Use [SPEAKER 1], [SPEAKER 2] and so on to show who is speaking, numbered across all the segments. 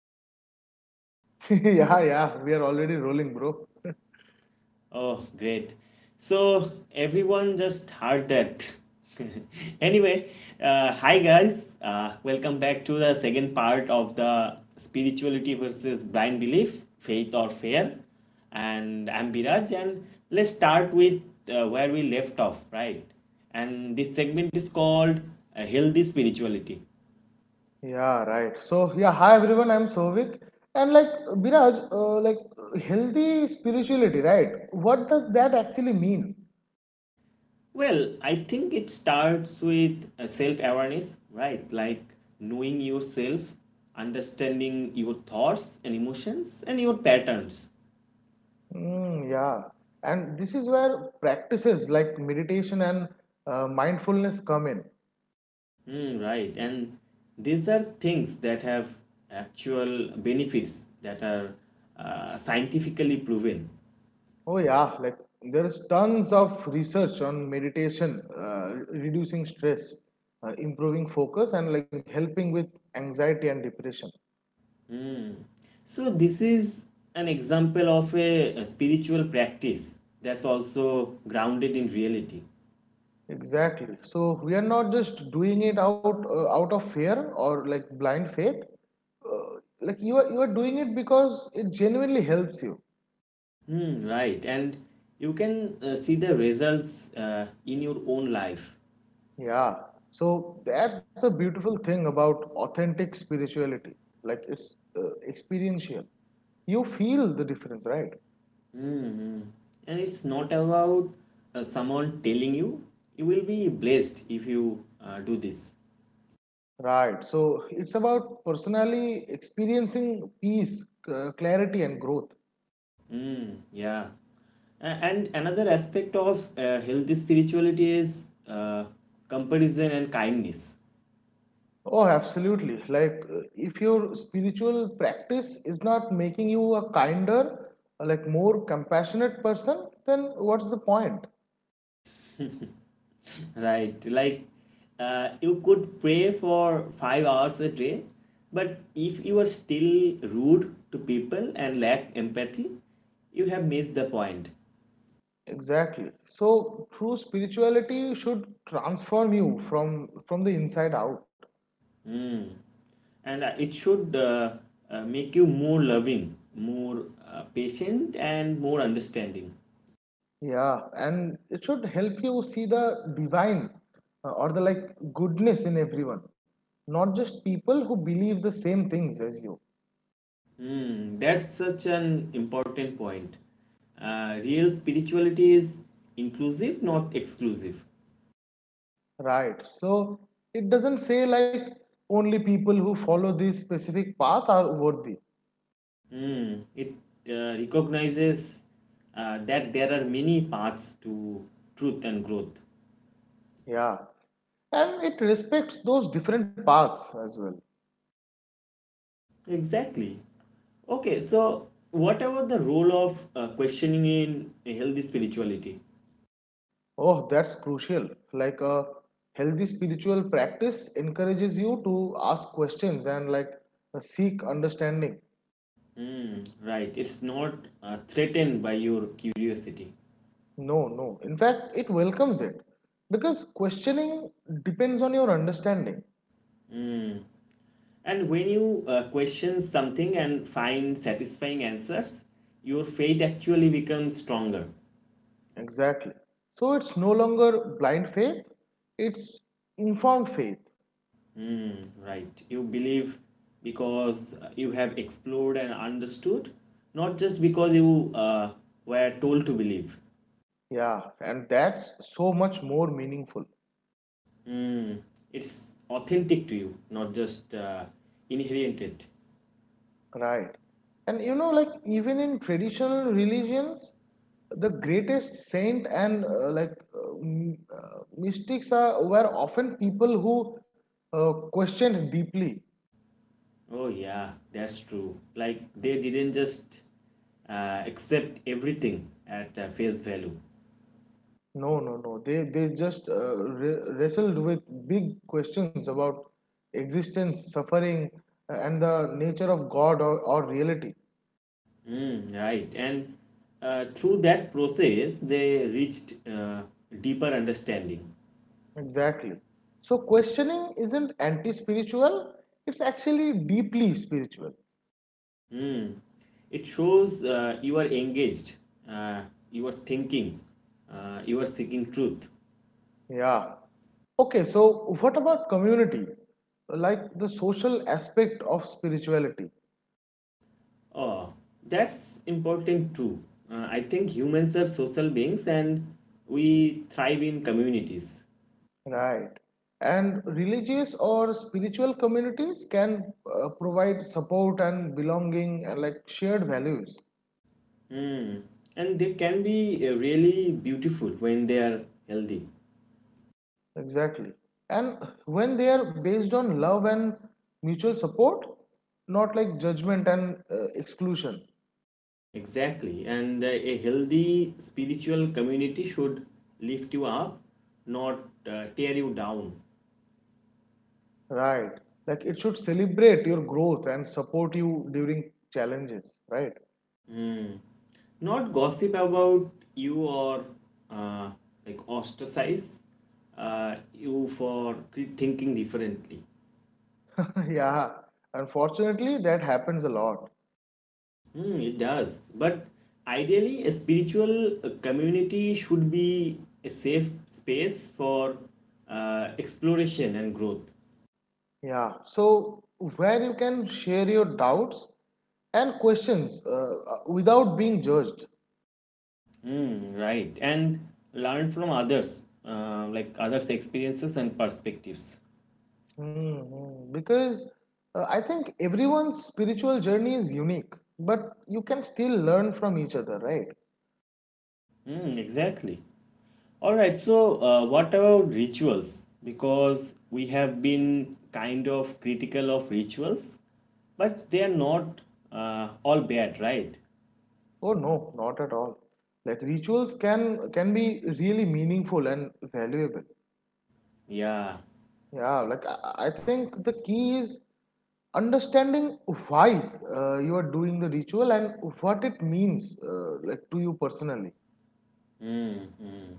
[SPEAKER 1] we recording?
[SPEAKER 2] Yeah, yeah, we are already rolling, bro.
[SPEAKER 1] Oh, great. So, everyone just heard that. Anyway, hi guys, welcome back to the second part of the spirituality versus blind belief, faith or fear. And I'm Biraj, and let's start with where we left off, right? And this segment is called Healthy Spirituality.
[SPEAKER 2] Yeah, right. So, yeah, hi everyone, I'm Souvik. And like, Biraj, like, healthy spirituality, right? What does that actually mean?
[SPEAKER 1] Well, I think it starts with self awareness, right? Like knowing yourself, understanding your thoughts and emotions and your patterns.
[SPEAKER 2] Mm, yeah. And this is where practices like meditation and mindfulness come in.
[SPEAKER 1] Hmm, right. And these are things that have actual benefits that are scientifically proven.
[SPEAKER 2] Oh, yeah, like, there's tons of research on meditation, reducing stress, improving focus, and like helping with anxiety and depression.
[SPEAKER 1] Hmm. So, this is an example of a spiritual practice that's also grounded in reality.
[SPEAKER 2] Exactly. So we are not just doing it out of fear or like blind faith. Like you are doing it because it genuinely helps you.
[SPEAKER 1] Hmm, right. And you can see the results in your own life.
[SPEAKER 2] Yeah. So that's the beautiful thing about authentic spirituality. Like it's experiential. You feel the difference, right?
[SPEAKER 1] Hmm. And it's not about someone telling you, you will be blessed if you do this.
[SPEAKER 2] Right. So it's about personally experiencing peace, clarity, and growth.
[SPEAKER 1] Hmm, yeah. And another aspect of healthy spirituality is uh, comparison and kindness.
[SPEAKER 2] Oh, absolutely. Like, if your spiritual practice is not making you a kinder, like more compassionate person, then what's the point?
[SPEAKER 1] Right. Like, you could pray for 5 hours a day, but if you are still rude to people and lack empathy, you have missed the point.
[SPEAKER 2] Exactly. So, true spirituality should transform you from the inside out.
[SPEAKER 1] Hmm. And it should make you more loving, more patient, and more understanding.
[SPEAKER 2] Yeah, and it should help you see the divine or the like goodness in everyone, not just people who believe the same things as you.
[SPEAKER 1] Hmm. That's such an important point. Real spirituality is inclusive, not exclusive.
[SPEAKER 2] Right. So it doesn't say like only people who follow this specific path are worthy.
[SPEAKER 1] Mm, it recognizes that there are many paths to truth and growth.
[SPEAKER 2] Yeah. And it respects those different paths as well.
[SPEAKER 1] Exactly. Okay, so what about the role of questioning in a healthy spirituality?
[SPEAKER 2] Oh, that's crucial. Like a healthy spiritual practice encourages you to ask questions and like seek understanding.
[SPEAKER 1] Mm, right, it's not threatened by your curiosity.
[SPEAKER 2] No, no. In fact, it welcomes it because questioning depends on your understanding.
[SPEAKER 1] Mm. And when you question something and find satisfying answers, your faith actually becomes stronger.
[SPEAKER 2] Exactly. So it's no longer blind faith, it's informed faith.
[SPEAKER 1] Mm, right. You believe because you have explored and understood, not just because you were told to believe.
[SPEAKER 2] Yeah, and that's so much more meaningful,
[SPEAKER 1] Mm, it's authentic to you, not just inherited.
[SPEAKER 2] right? And you know, like even in traditional religions, the greatest saint and mystics are were often people who questioned deeply.
[SPEAKER 1] Oh, yeah, that's true. Like they didn't just accept everything at face value.
[SPEAKER 2] No, no, no. They just wrestled with big questions about existence, suffering, and the nature of God or reality.
[SPEAKER 1] Mm, right. And through that process, they reached deeper understanding.
[SPEAKER 2] Exactly. So questioning isn't anti-spiritual, it's actually deeply spiritual.
[SPEAKER 1] Hmm, it shows you are engaged, uh, you are thinking, you are seeking truth.
[SPEAKER 2] Yeah. Okay, so what about community? Like the social aspect of spirituality,
[SPEAKER 1] Oh, that's important too. I think humans are social beings and we thrive in communities.
[SPEAKER 2] right? And religious or spiritual communities can provide support and belonging and like shared values.
[SPEAKER 1] Hmm, and they can be really beautiful when they are healthy.
[SPEAKER 2] Exactly. And when they are based on love and mutual support, not like judgment and exclusion.
[SPEAKER 1] Exactly. And a healthy spiritual community should lift you up, not tear you down.
[SPEAKER 2] Right. Like it should celebrate your growth and support you during challenges, right?
[SPEAKER 1] Mm. Not gossip about you or uh, like ostracize you for thinking differently.
[SPEAKER 2] Yeah. Unfortunately, that happens a lot.
[SPEAKER 1] Mm, it does. But ideally, a spiritual community should be a safe space for exploration and growth.
[SPEAKER 2] Yeah. So, where you can share your doubts and questions without being judged.
[SPEAKER 1] Mm, right. And learn from others, like others' experiences and perspectives.
[SPEAKER 2] Mhm. Because I think everyone's spiritual journey is unique, but you can still learn from each other, right?
[SPEAKER 1] Mm, exactly. All right, so what about rituals? Because we have been kind of critical of rituals, but they are not all bad, right?
[SPEAKER 2] Oh no, not at all. Like rituals can be really meaningful and valuable.
[SPEAKER 1] Yeah.
[SPEAKER 2] Yeah, like I think the key is understanding why you are doing the ritual and what it means like to you personally.
[SPEAKER 1] Mm, mm,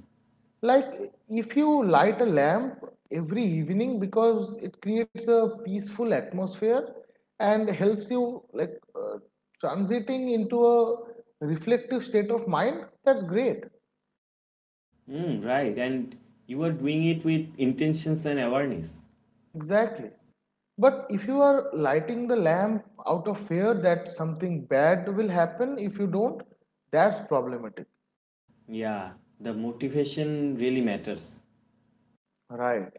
[SPEAKER 2] Like if you light a lamp every evening because it creates a peaceful atmosphere and helps you like transiting into a reflective state of mind, that's great.
[SPEAKER 1] mm, right, and you are doing it with intentions and awareness.
[SPEAKER 2] Exactly. But if you are lighting the lamp out of fear that something bad will happen if you don't, that's problematic.
[SPEAKER 1] Yeah, the motivation really matters.
[SPEAKER 2] Right.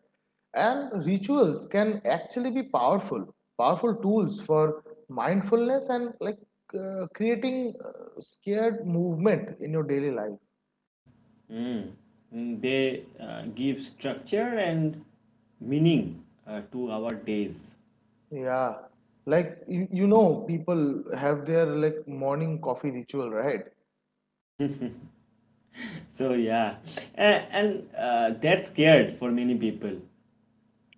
[SPEAKER 2] And rituals can actually be powerful, powerful tools for mindfulness and like creating scared movement in your daily life.
[SPEAKER 1] Mm, mm, they give structure and meaning to our days.
[SPEAKER 2] Yeah. Like you know people have their like morning coffee ritual, right?
[SPEAKER 1] So yeah, and that's scared for many people.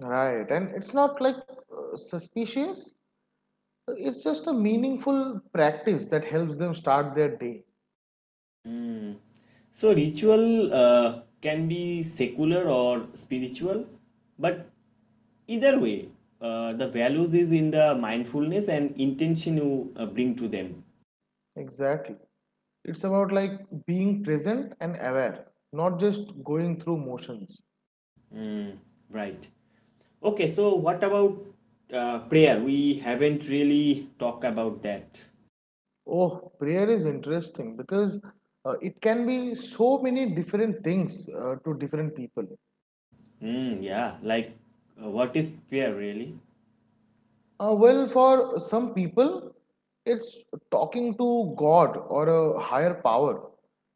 [SPEAKER 2] Right. And it's not like suspicious. It's just a meaningful practice that helps them start their day.
[SPEAKER 1] Mm. So ritual can be secular or spiritual, but either way, the values is in the mindfulness and intention you bring to them.
[SPEAKER 2] Exactly. It's about like being present and aware, not just going through motions.
[SPEAKER 1] Mm. Right. Okay. So what about prayer? We haven't really talked about that.
[SPEAKER 2] Oh, prayer is interesting because it can be so many different things to different people.
[SPEAKER 1] Mm, yeah. Like, what is prayer really?
[SPEAKER 2] Well, for some people, it's talking to God or a higher power.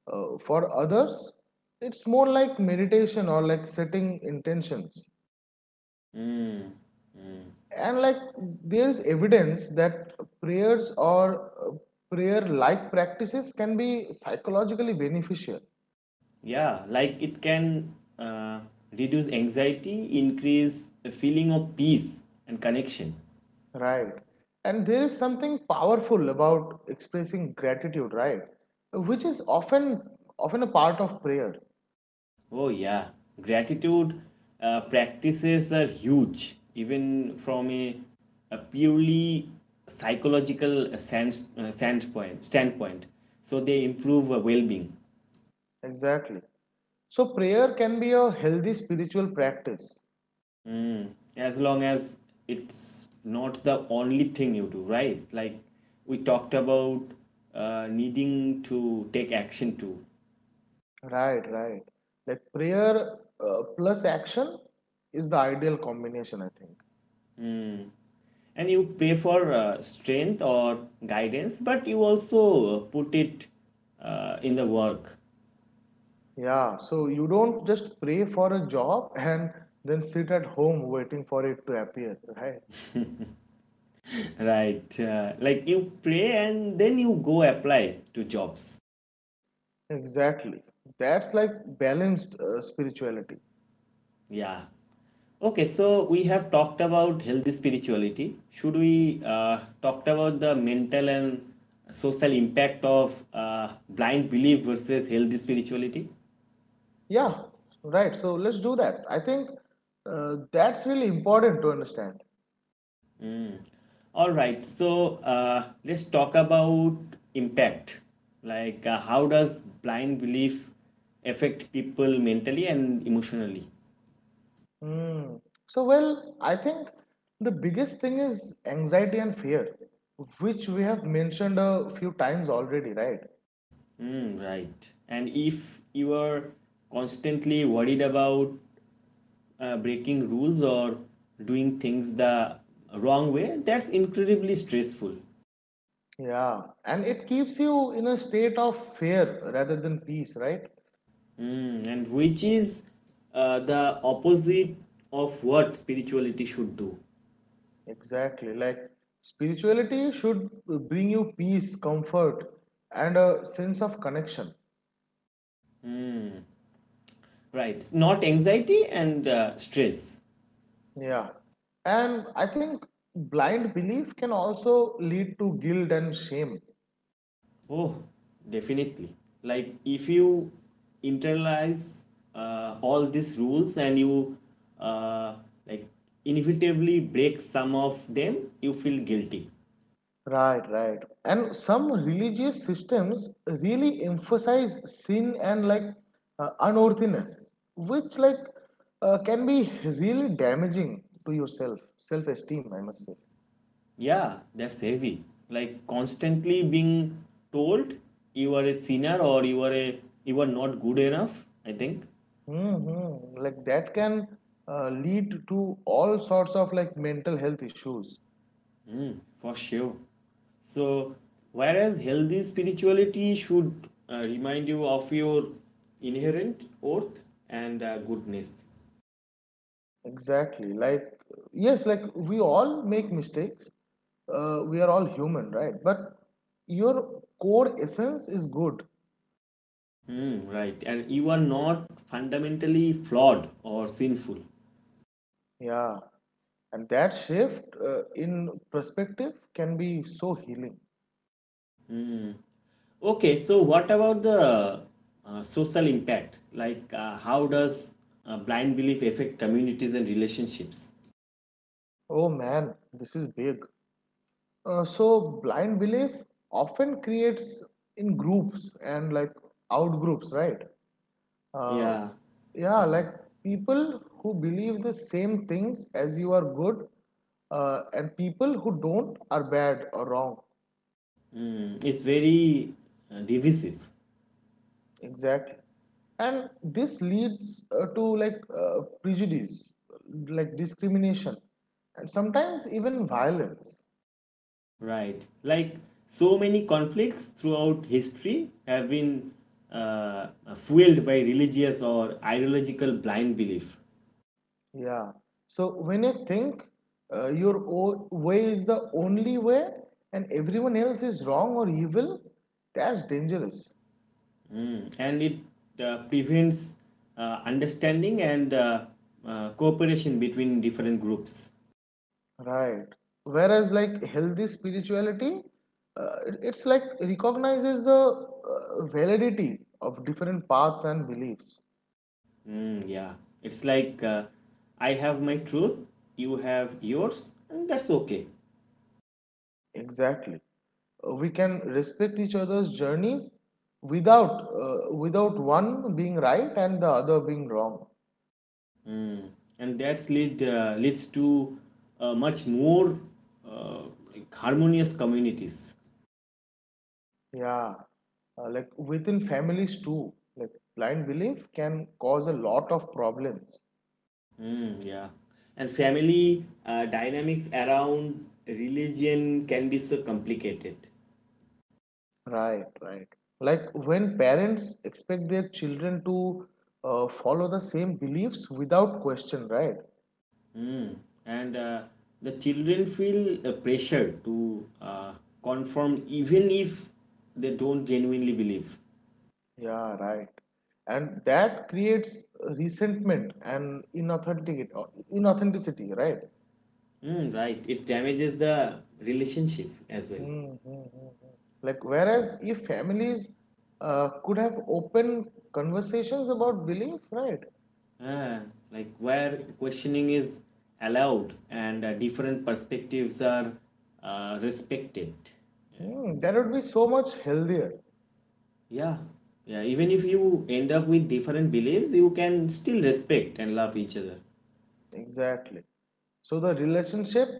[SPEAKER 2] For others, it's more like meditation or like setting intentions.
[SPEAKER 1] Mm. Mm.
[SPEAKER 2] And like there is evidence that prayers or prayer like practices can be psychologically beneficial.
[SPEAKER 1] Yeah, like it can reduce anxiety, increase a feeling of peace and connection.
[SPEAKER 2] Right, and there is something powerful about expressing gratitude, right, which is often a part of prayer.
[SPEAKER 1] Oh, yeah. Gratitude practices are huge, even from a purely psychological standpoint. So they improve well being.
[SPEAKER 2] Exactly, so prayer can be a healthy spiritual practice.
[SPEAKER 1] Mm. As long as it's not the only thing you do, right? Like we talked about needing to take action too.
[SPEAKER 2] Right, right, like prayer plus action is the ideal combination, I think.
[SPEAKER 1] Hmm. And you pray for strength or guidance, but you also put it in the work.
[SPEAKER 2] Yeah, so you don't just pray for a job and then sit at home waiting for it to appear, right?
[SPEAKER 1] Right? Like you pray and then you go apply to jobs.
[SPEAKER 2] Exactly. That's like balanced spirituality.
[SPEAKER 1] Yeah. Okay, so we have talked about healthy spirituality. Should we talked about the mental and social impact of blind belief versus healthy spirituality?
[SPEAKER 2] Yeah, right. So let's do that. I think that's really important to understand.
[SPEAKER 1] Mm. All right, so let's talk about impact. Like, how does blind belief affect people mentally and emotionally?
[SPEAKER 2] Hmm. So, well, I think the biggest thing is anxiety and fear, which we have mentioned a few times already, right?
[SPEAKER 1] Mm, right. And if you are constantly worried about breaking rules or doing things the wrong way, that's incredibly stressful.
[SPEAKER 2] Yeah, and it keeps you in a state of fear rather than peace, right?
[SPEAKER 1] Mm, and which is the opposite of what spirituality should do.
[SPEAKER 2] Exactly. Like spirituality should bring you peace, comfort, and a sense of connection.
[SPEAKER 1] Right, not anxiety and stress.
[SPEAKER 2] Yeah. And I think blind belief can also lead to guilt and shame.
[SPEAKER 1] Oh, definitely. Like if you internalize all these rules and you uh, like inevitably break some of them, you feel guilty.
[SPEAKER 2] Right, right. And some religious systems really emphasize sin and like unworthiness, which like can be really damaging to yourself, self-esteem, I must say.
[SPEAKER 1] Yeah, that's heavy. Like constantly being told you are a sinner or you are not good enough, I think.
[SPEAKER 2] Mm-hmm. Like that can lead to all sorts of like mental health issues.
[SPEAKER 1] Mm, for sure. So, whereas healthy spirituality should remind you of your inherent worth and goodness.
[SPEAKER 2] Exactly. Like, yes, like we all make mistakes. We are all human, right? But your core essence is good.
[SPEAKER 1] Mm, right. And you are not fundamentally flawed or sinful.
[SPEAKER 2] Yeah. And that shift in perspective can be so healing.
[SPEAKER 1] Mm. Okay, so what about the social impact? Like, how does blind belief affect communities and relationships?
[SPEAKER 2] Oh man, this is big. So blind belief often creates in groups and like out groups, right? uh,
[SPEAKER 1] Yeah,
[SPEAKER 2] yeah, like people who believe the same things as you are good and people who don't are bad or wrong.
[SPEAKER 1] mm, it's very divisive.
[SPEAKER 2] Exactly, and this leads to like prejudice, like discrimination, and sometimes even violence.
[SPEAKER 1] Right. Like so many conflicts throughout history have been uh, fueled by religious or ideological blind belief.
[SPEAKER 2] Yeah, so when you think way is the only way and everyone else is wrong or evil, that's dangerous.
[SPEAKER 1] Mm. And it prevents understanding and cooperation between different groups.
[SPEAKER 2] Right. Whereas, like healthy spirituality, uh, it's like recognizes the validity of different paths and beliefs.
[SPEAKER 1] Mm, yeah. It's like I have my truth, you have yours, and that's okay.
[SPEAKER 2] Exactly. We can respect each other's journeys without one being right and the other being wrong.
[SPEAKER 1] Mm. And that's lead leads to much more uh, like harmonious communities.
[SPEAKER 2] Yeah. Like within families too. Like blind belief can cause a lot of problems.
[SPEAKER 1] Mm, yeah. And family dynamics around religion can be so complicated.
[SPEAKER 2] Right, right. Like when parents expect their children to follow the same beliefs without question, right?
[SPEAKER 1] Mm. And the children feel pressure to conform even if they don't genuinely believe.
[SPEAKER 2] Yeah, right. And that creates resentment and inauthenticity, right?
[SPEAKER 1] Mm, right. It damages the relationship as well.
[SPEAKER 2] Hmm, hmm, hmm, hmm. Like whereas if families could have open conversations about belief, right?
[SPEAKER 1] Ah, like where questioning is allowed and different perspectives are respected.
[SPEAKER 2] Hmm, that would be so much healthier.
[SPEAKER 1] Yeah, yeah. Even if you end up with different beliefs, you can still respect and love each other.
[SPEAKER 2] Exactly. So the relationship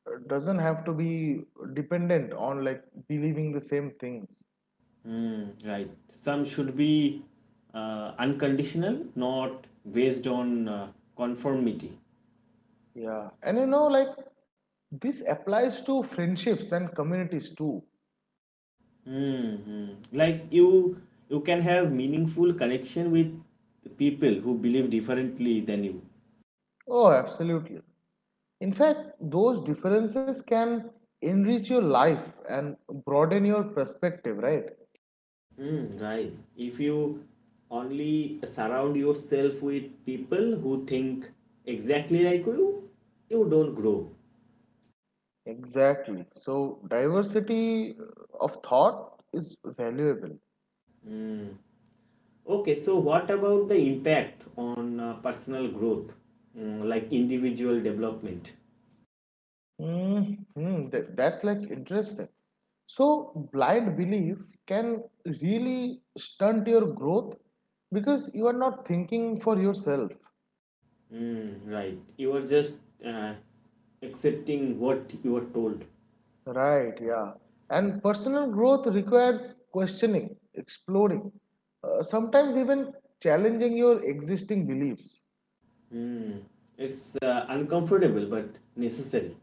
[SPEAKER 2] doesn't have to be dependent on like believing the same things.
[SPEAKER 1] Hmm, right. Some should be unconditional, not based on conformity.
[SPEAKER 2] Yeah. And you know, like this applies to friendships and communities too.
[SPEAKER 1] Mm-hmm. Like you can have meaningful connection with people who believe differently than you.
[SPEAKER 2] Oh, absolutely. In fact, those differences can enrich your life and broaden your perspective, right?
[SPEAKER 1] Mm, right. If you only surround yourself with people who think exactly like you don't grow.
[SPEAKER 2] Exactly. So diversity of thought is valuable.
[SPEAKER 1] Hmm. Okay, so what about the impact on personal growth, mm, like individual development?
[SPEAKER 2] Mm-hmm. That's like interesting. So, blind belief can really stunt your growth because you are not thinking for yourself.
[SPEAKER 1] Mm, right, you are just accepting what you are told.
[SPEAKER 2] Right, yeah. And personal growth requires questioning, exploring, sometimes even challenging your existing beliefs.
[SPEAKER 1] Mm, it's uncomfortable but necessary.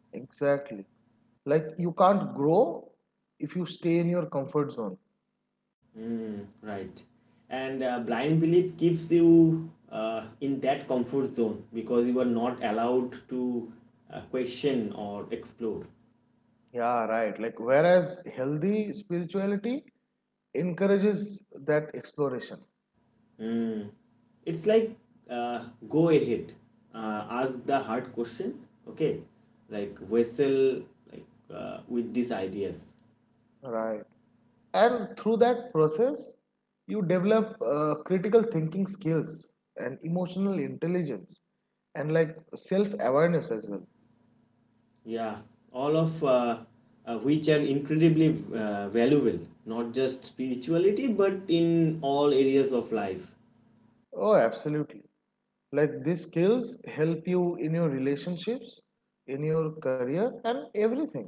[SPEAKER 2] Exactly. Like, you can't grow if you stay in your comfort zone.
[SPEAKER 1] Mm, right, and blind belief keeps you in that comfort zone because you are not allowed to question or explore.
[SPEAKER 2] Yeah, right. Like, whereas healthy spirituality encourages that exploration,
[SPEAKER 1] Mm. It's like uh, go ahead, ask the hard question, okay? Like wrestle like with these ideas.
[SPEAKER 2] right? And through that process, you develop critical thinking skills and emotional intelligence and like self awareness as well.
[SPEAKER 1] Yeah, all of which are incredibly valuable, not just spirituality, but in all areas of life.
[SPEAKER 2] Oh, absolutely. Like, these skills help you in your relationships, in your career, and everything.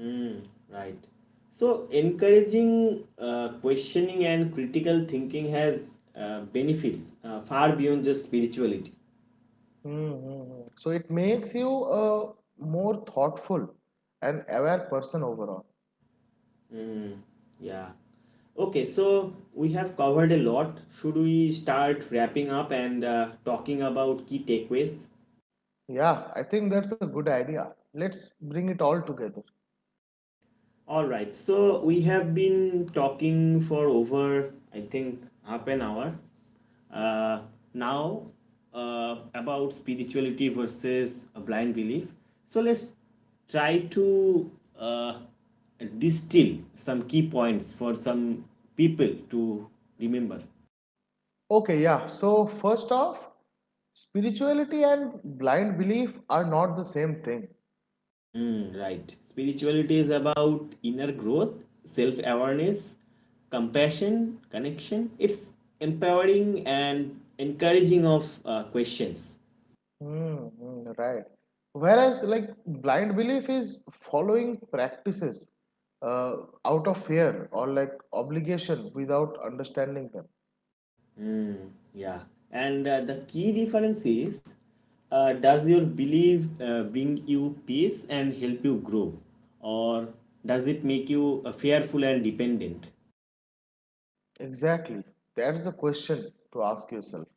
[SPEAKER 1] Mm, right. So encouraging questioning and critical thinking has benefits far beyond just spirituality.
[SPEAKER 2] Mm-hmm. So it makes you a more thoughtful and aware person overall.
[SPEAKER 1] Mm, yeah. Okay, so we have covered a lot. Should we start wrapping up and talking about key takeaways?
[SPEAKER 2] Yeah, I think that's a good idea. Let's bring it all together.
[SPEAKER 1] All right, so we have been talking for over, I think, half an hour uh, now about spirituality versus a blind belief. So let's try to uh, distill some key points for some people to remember.
[SPEAKER 2] Okay, yeah. So, first off, spirituality and blind belief are not the same thing.
[SPEAKER 1] Mm, right. Spirituality is about inner growth, self awareness, compassion, connection. It's empowering and encouraging of questions.
[SPEAKER 2] Mm-hmm. Right. Whereas, like, blind belief is following practices uh, out of fear or like obligation without understanding them.
[SPEAKER 1] Mm, yeah. And the key difference is does your belief bring you peace and help you grow? Or does it make you fearful and dependent?
[SPEAKER 2] Exactly. That's the question to ask yourself.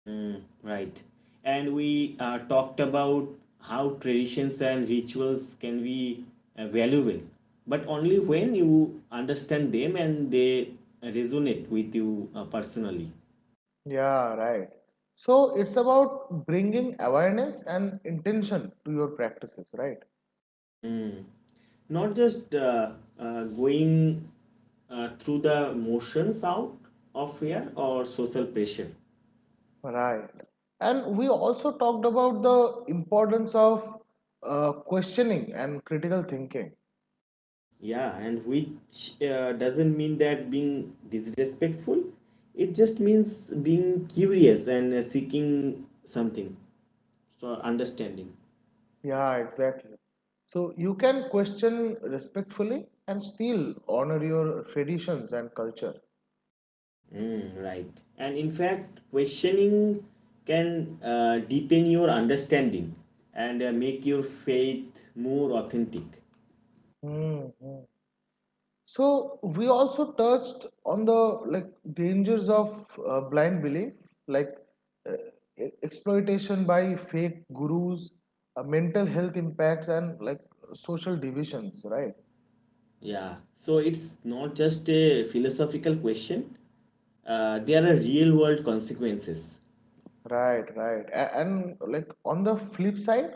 [SPEAKER 1] Mm, right. And we talked about how traditions and rituals can be valuable, but only when you understand them and they resonate with you personally.
[SPEAKER 2] Yeah, right. So it's about bringing awareness and intention to your practices, right?
[SPEAKER 1] Mm. Not just going through the motions out of fear or social pressure.
[SPEAKER 2] Right. And we also talked about the importance of questioning and critical thinking.
[SPEAKER 1] Yeah, and which doesn't mean that being disrespectful. It just means being curious and seeking something or understanding.
[SPEAKER 2] Yeah, exactly. So you can question respectfully and still honor your traditions and culture.
[SPEAKER 1] Mm, right. And in fact, questioning can deepen your understanding and make your faith more authentic.
[SPEAKER 2] Mhm. So we also touched on the like dangers of blind belief, like uh, exploitation by fake gurus, mental health impacts, and like social divisions. Right,
[SPEAKER 1] Yeah. So it's not just a philosophical question, there are real world consequences.
[SPEAKER 2] right, right. And like on the flip side,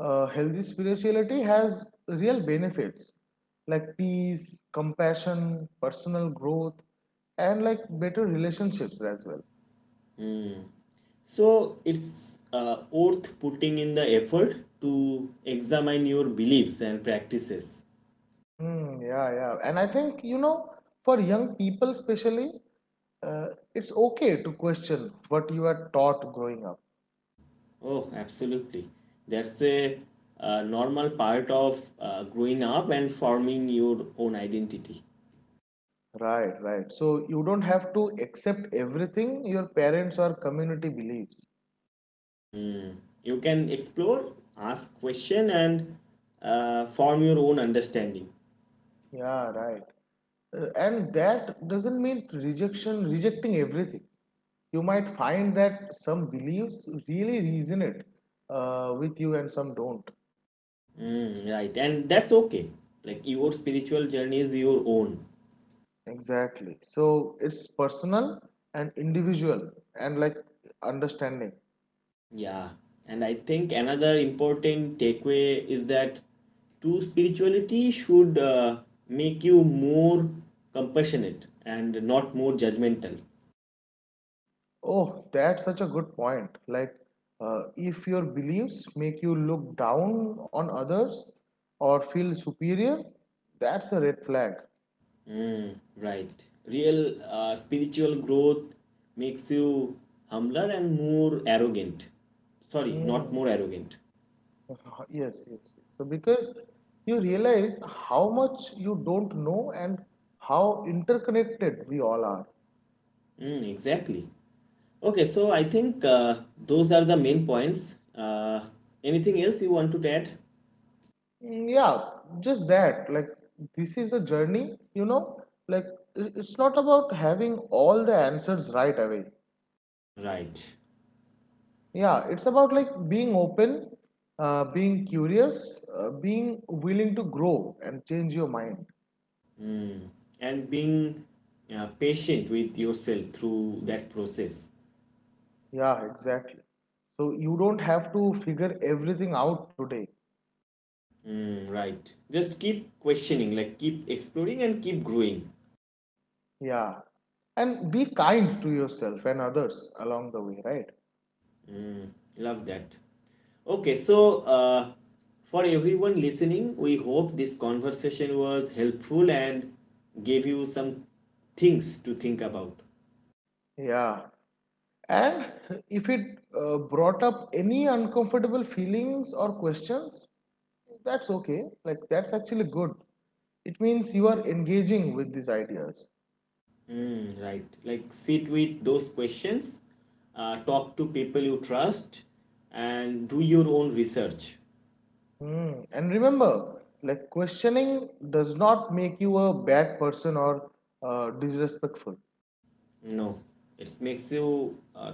[SPEAKER 2] healthy spirituality has real benefits like peace, compassion, personal growth, and like better relationships as well.
[SPEAKER 1] Mm. So it's worth putting in the effort to examine your beliefs and practices.
[SPEAKER 2] Mm, yeah, yeah. And I think, you know, for young people especially, uh, it's okay to question what you are taught growing up.
[SPEAKER 1] Oh, absolutely. That's a normal part of growing up and forming your own identity.
[SPEAKER 2] Right, right. So you don't have to accept everything your parents or community believes.
[SPEAKER 1] Mm. You can explore, ask question, and form your own understanding.
[SPEAKER 2] Yeah, right. And that doesn't mean rejecting everything. You might find that some beliefs really resonate with you and some don't.
[SPEAKER 1] Mm, right, and that's okay. Like your spiritual journey is your own.
[SPEAKER 2] Exactly. So it's personal and individual and like understanding.
[SPEAKER 1] Yeah, and I think another important takeaway is that true spirituality should make you more compassionate and not more judgmental.
[SPEAKER 2] Oh, that's such a good point. Like, if your beliefs make you look down on others or feel superior, that's a red flag.
[SPEAKER 1] Mm, right. Real spiritual growth makes you humbler and more arrogant. Sorry,
[SPEAKER 2] Hmm.
[SPEAKER 1] not more arrogant.
[SPEAKER 2] Yes, yes, yes. So because you realize how much you don't know and how interconnected we all are.
[SPEAKER 1] Mm, exactly. Okay, so I think those are the main points. Anything else you want to add?
[SPEAKER 2] Mm, yeah, just that. Like, this is a journey, you know? Like, it's not about having all the answers right away.
[SPEAKER 1] Right.
[SPEAKER 2] Yeah, it's about like being open, being curious, being willing to grow and change your mind.
[SPEAKER 1] Mm. And being patient with yourself through that process.
[SPEAKER 2] Yeah, exactly. So you don't have to figure everything out today.
[SPEAKER 1] Mm, right. Just keep questioning, like keep exploring and keep growing.
[SPEAKER 2] Yeah. And be kind to yourself and others along the way, right?
[SPEAKER 1] Mm, love that. Okay, so for everyone listening, we hope this conversation was helpful and gave you some things to think about.
[SPEAKER 2] Yeah. And if it brought up any uncomfortable feelings or questions, that's okay. Like, that's actually good. It means you are engaging with these ideas.
[SPEAKER 1] Mm, right. Like sit with those questions, talk to people you trust, and do your own research.
[SPEAKER 2] Hmm. And remember, like, questioning does not make you a bad person or disrespectful.
[SPEAKER 1] No, it makes you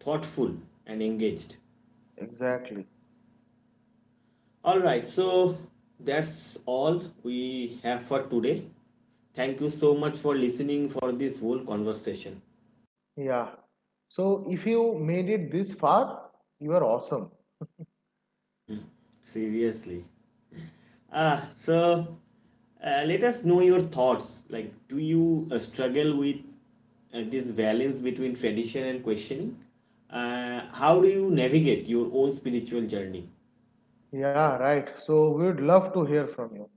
[SPEAKER 1] thoughtful and engaged.
[SPEAKER 2] Exactly.
[SPEAKER 1] All right, so that's all we have for today. Thank you so much for listening for this whole conversation.
[SPEAKER 2] Yeah. So, if you made it this far, you are awesome.
[SPEAKER 1] Seriously. Ah, so let us know your thoughts. Like, do you struggle with this balance between tradition and questioning? How do you navigate your own spiritual journey?
[SPEAKER 2] Yeah, right. So, we would love to hear from you.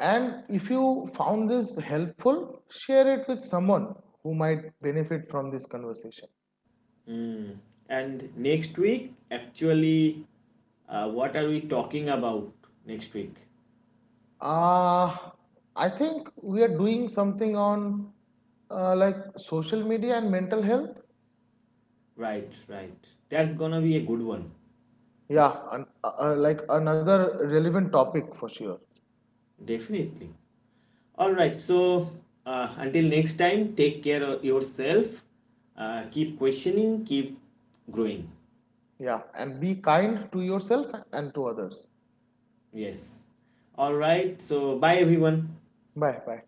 [SPEAKER 2] And if you found this helpful, share it with someone who might benefit from this conversation.
[SPEAKER 1] Mm. And next week, actually, what are we talking about next week?
[SPEAKER 2] Uh, I think we are doing something on like social media and mental health.
[SPEAKER 1] Right, right. That's gonna be a good one.
[SPEAKER 2] Yeah, like another relevant topic for sure.
[SPEAKER 1] Definitely. All right, so until next time, take care of yourself. Keep questioning, keep growing.
[SPEAKER 2] Yeah, and be kind to yourself and to others.
[SPEAKER 1] Yes. All right, so bye everyone.
[SPEAKER 2] Bye bye.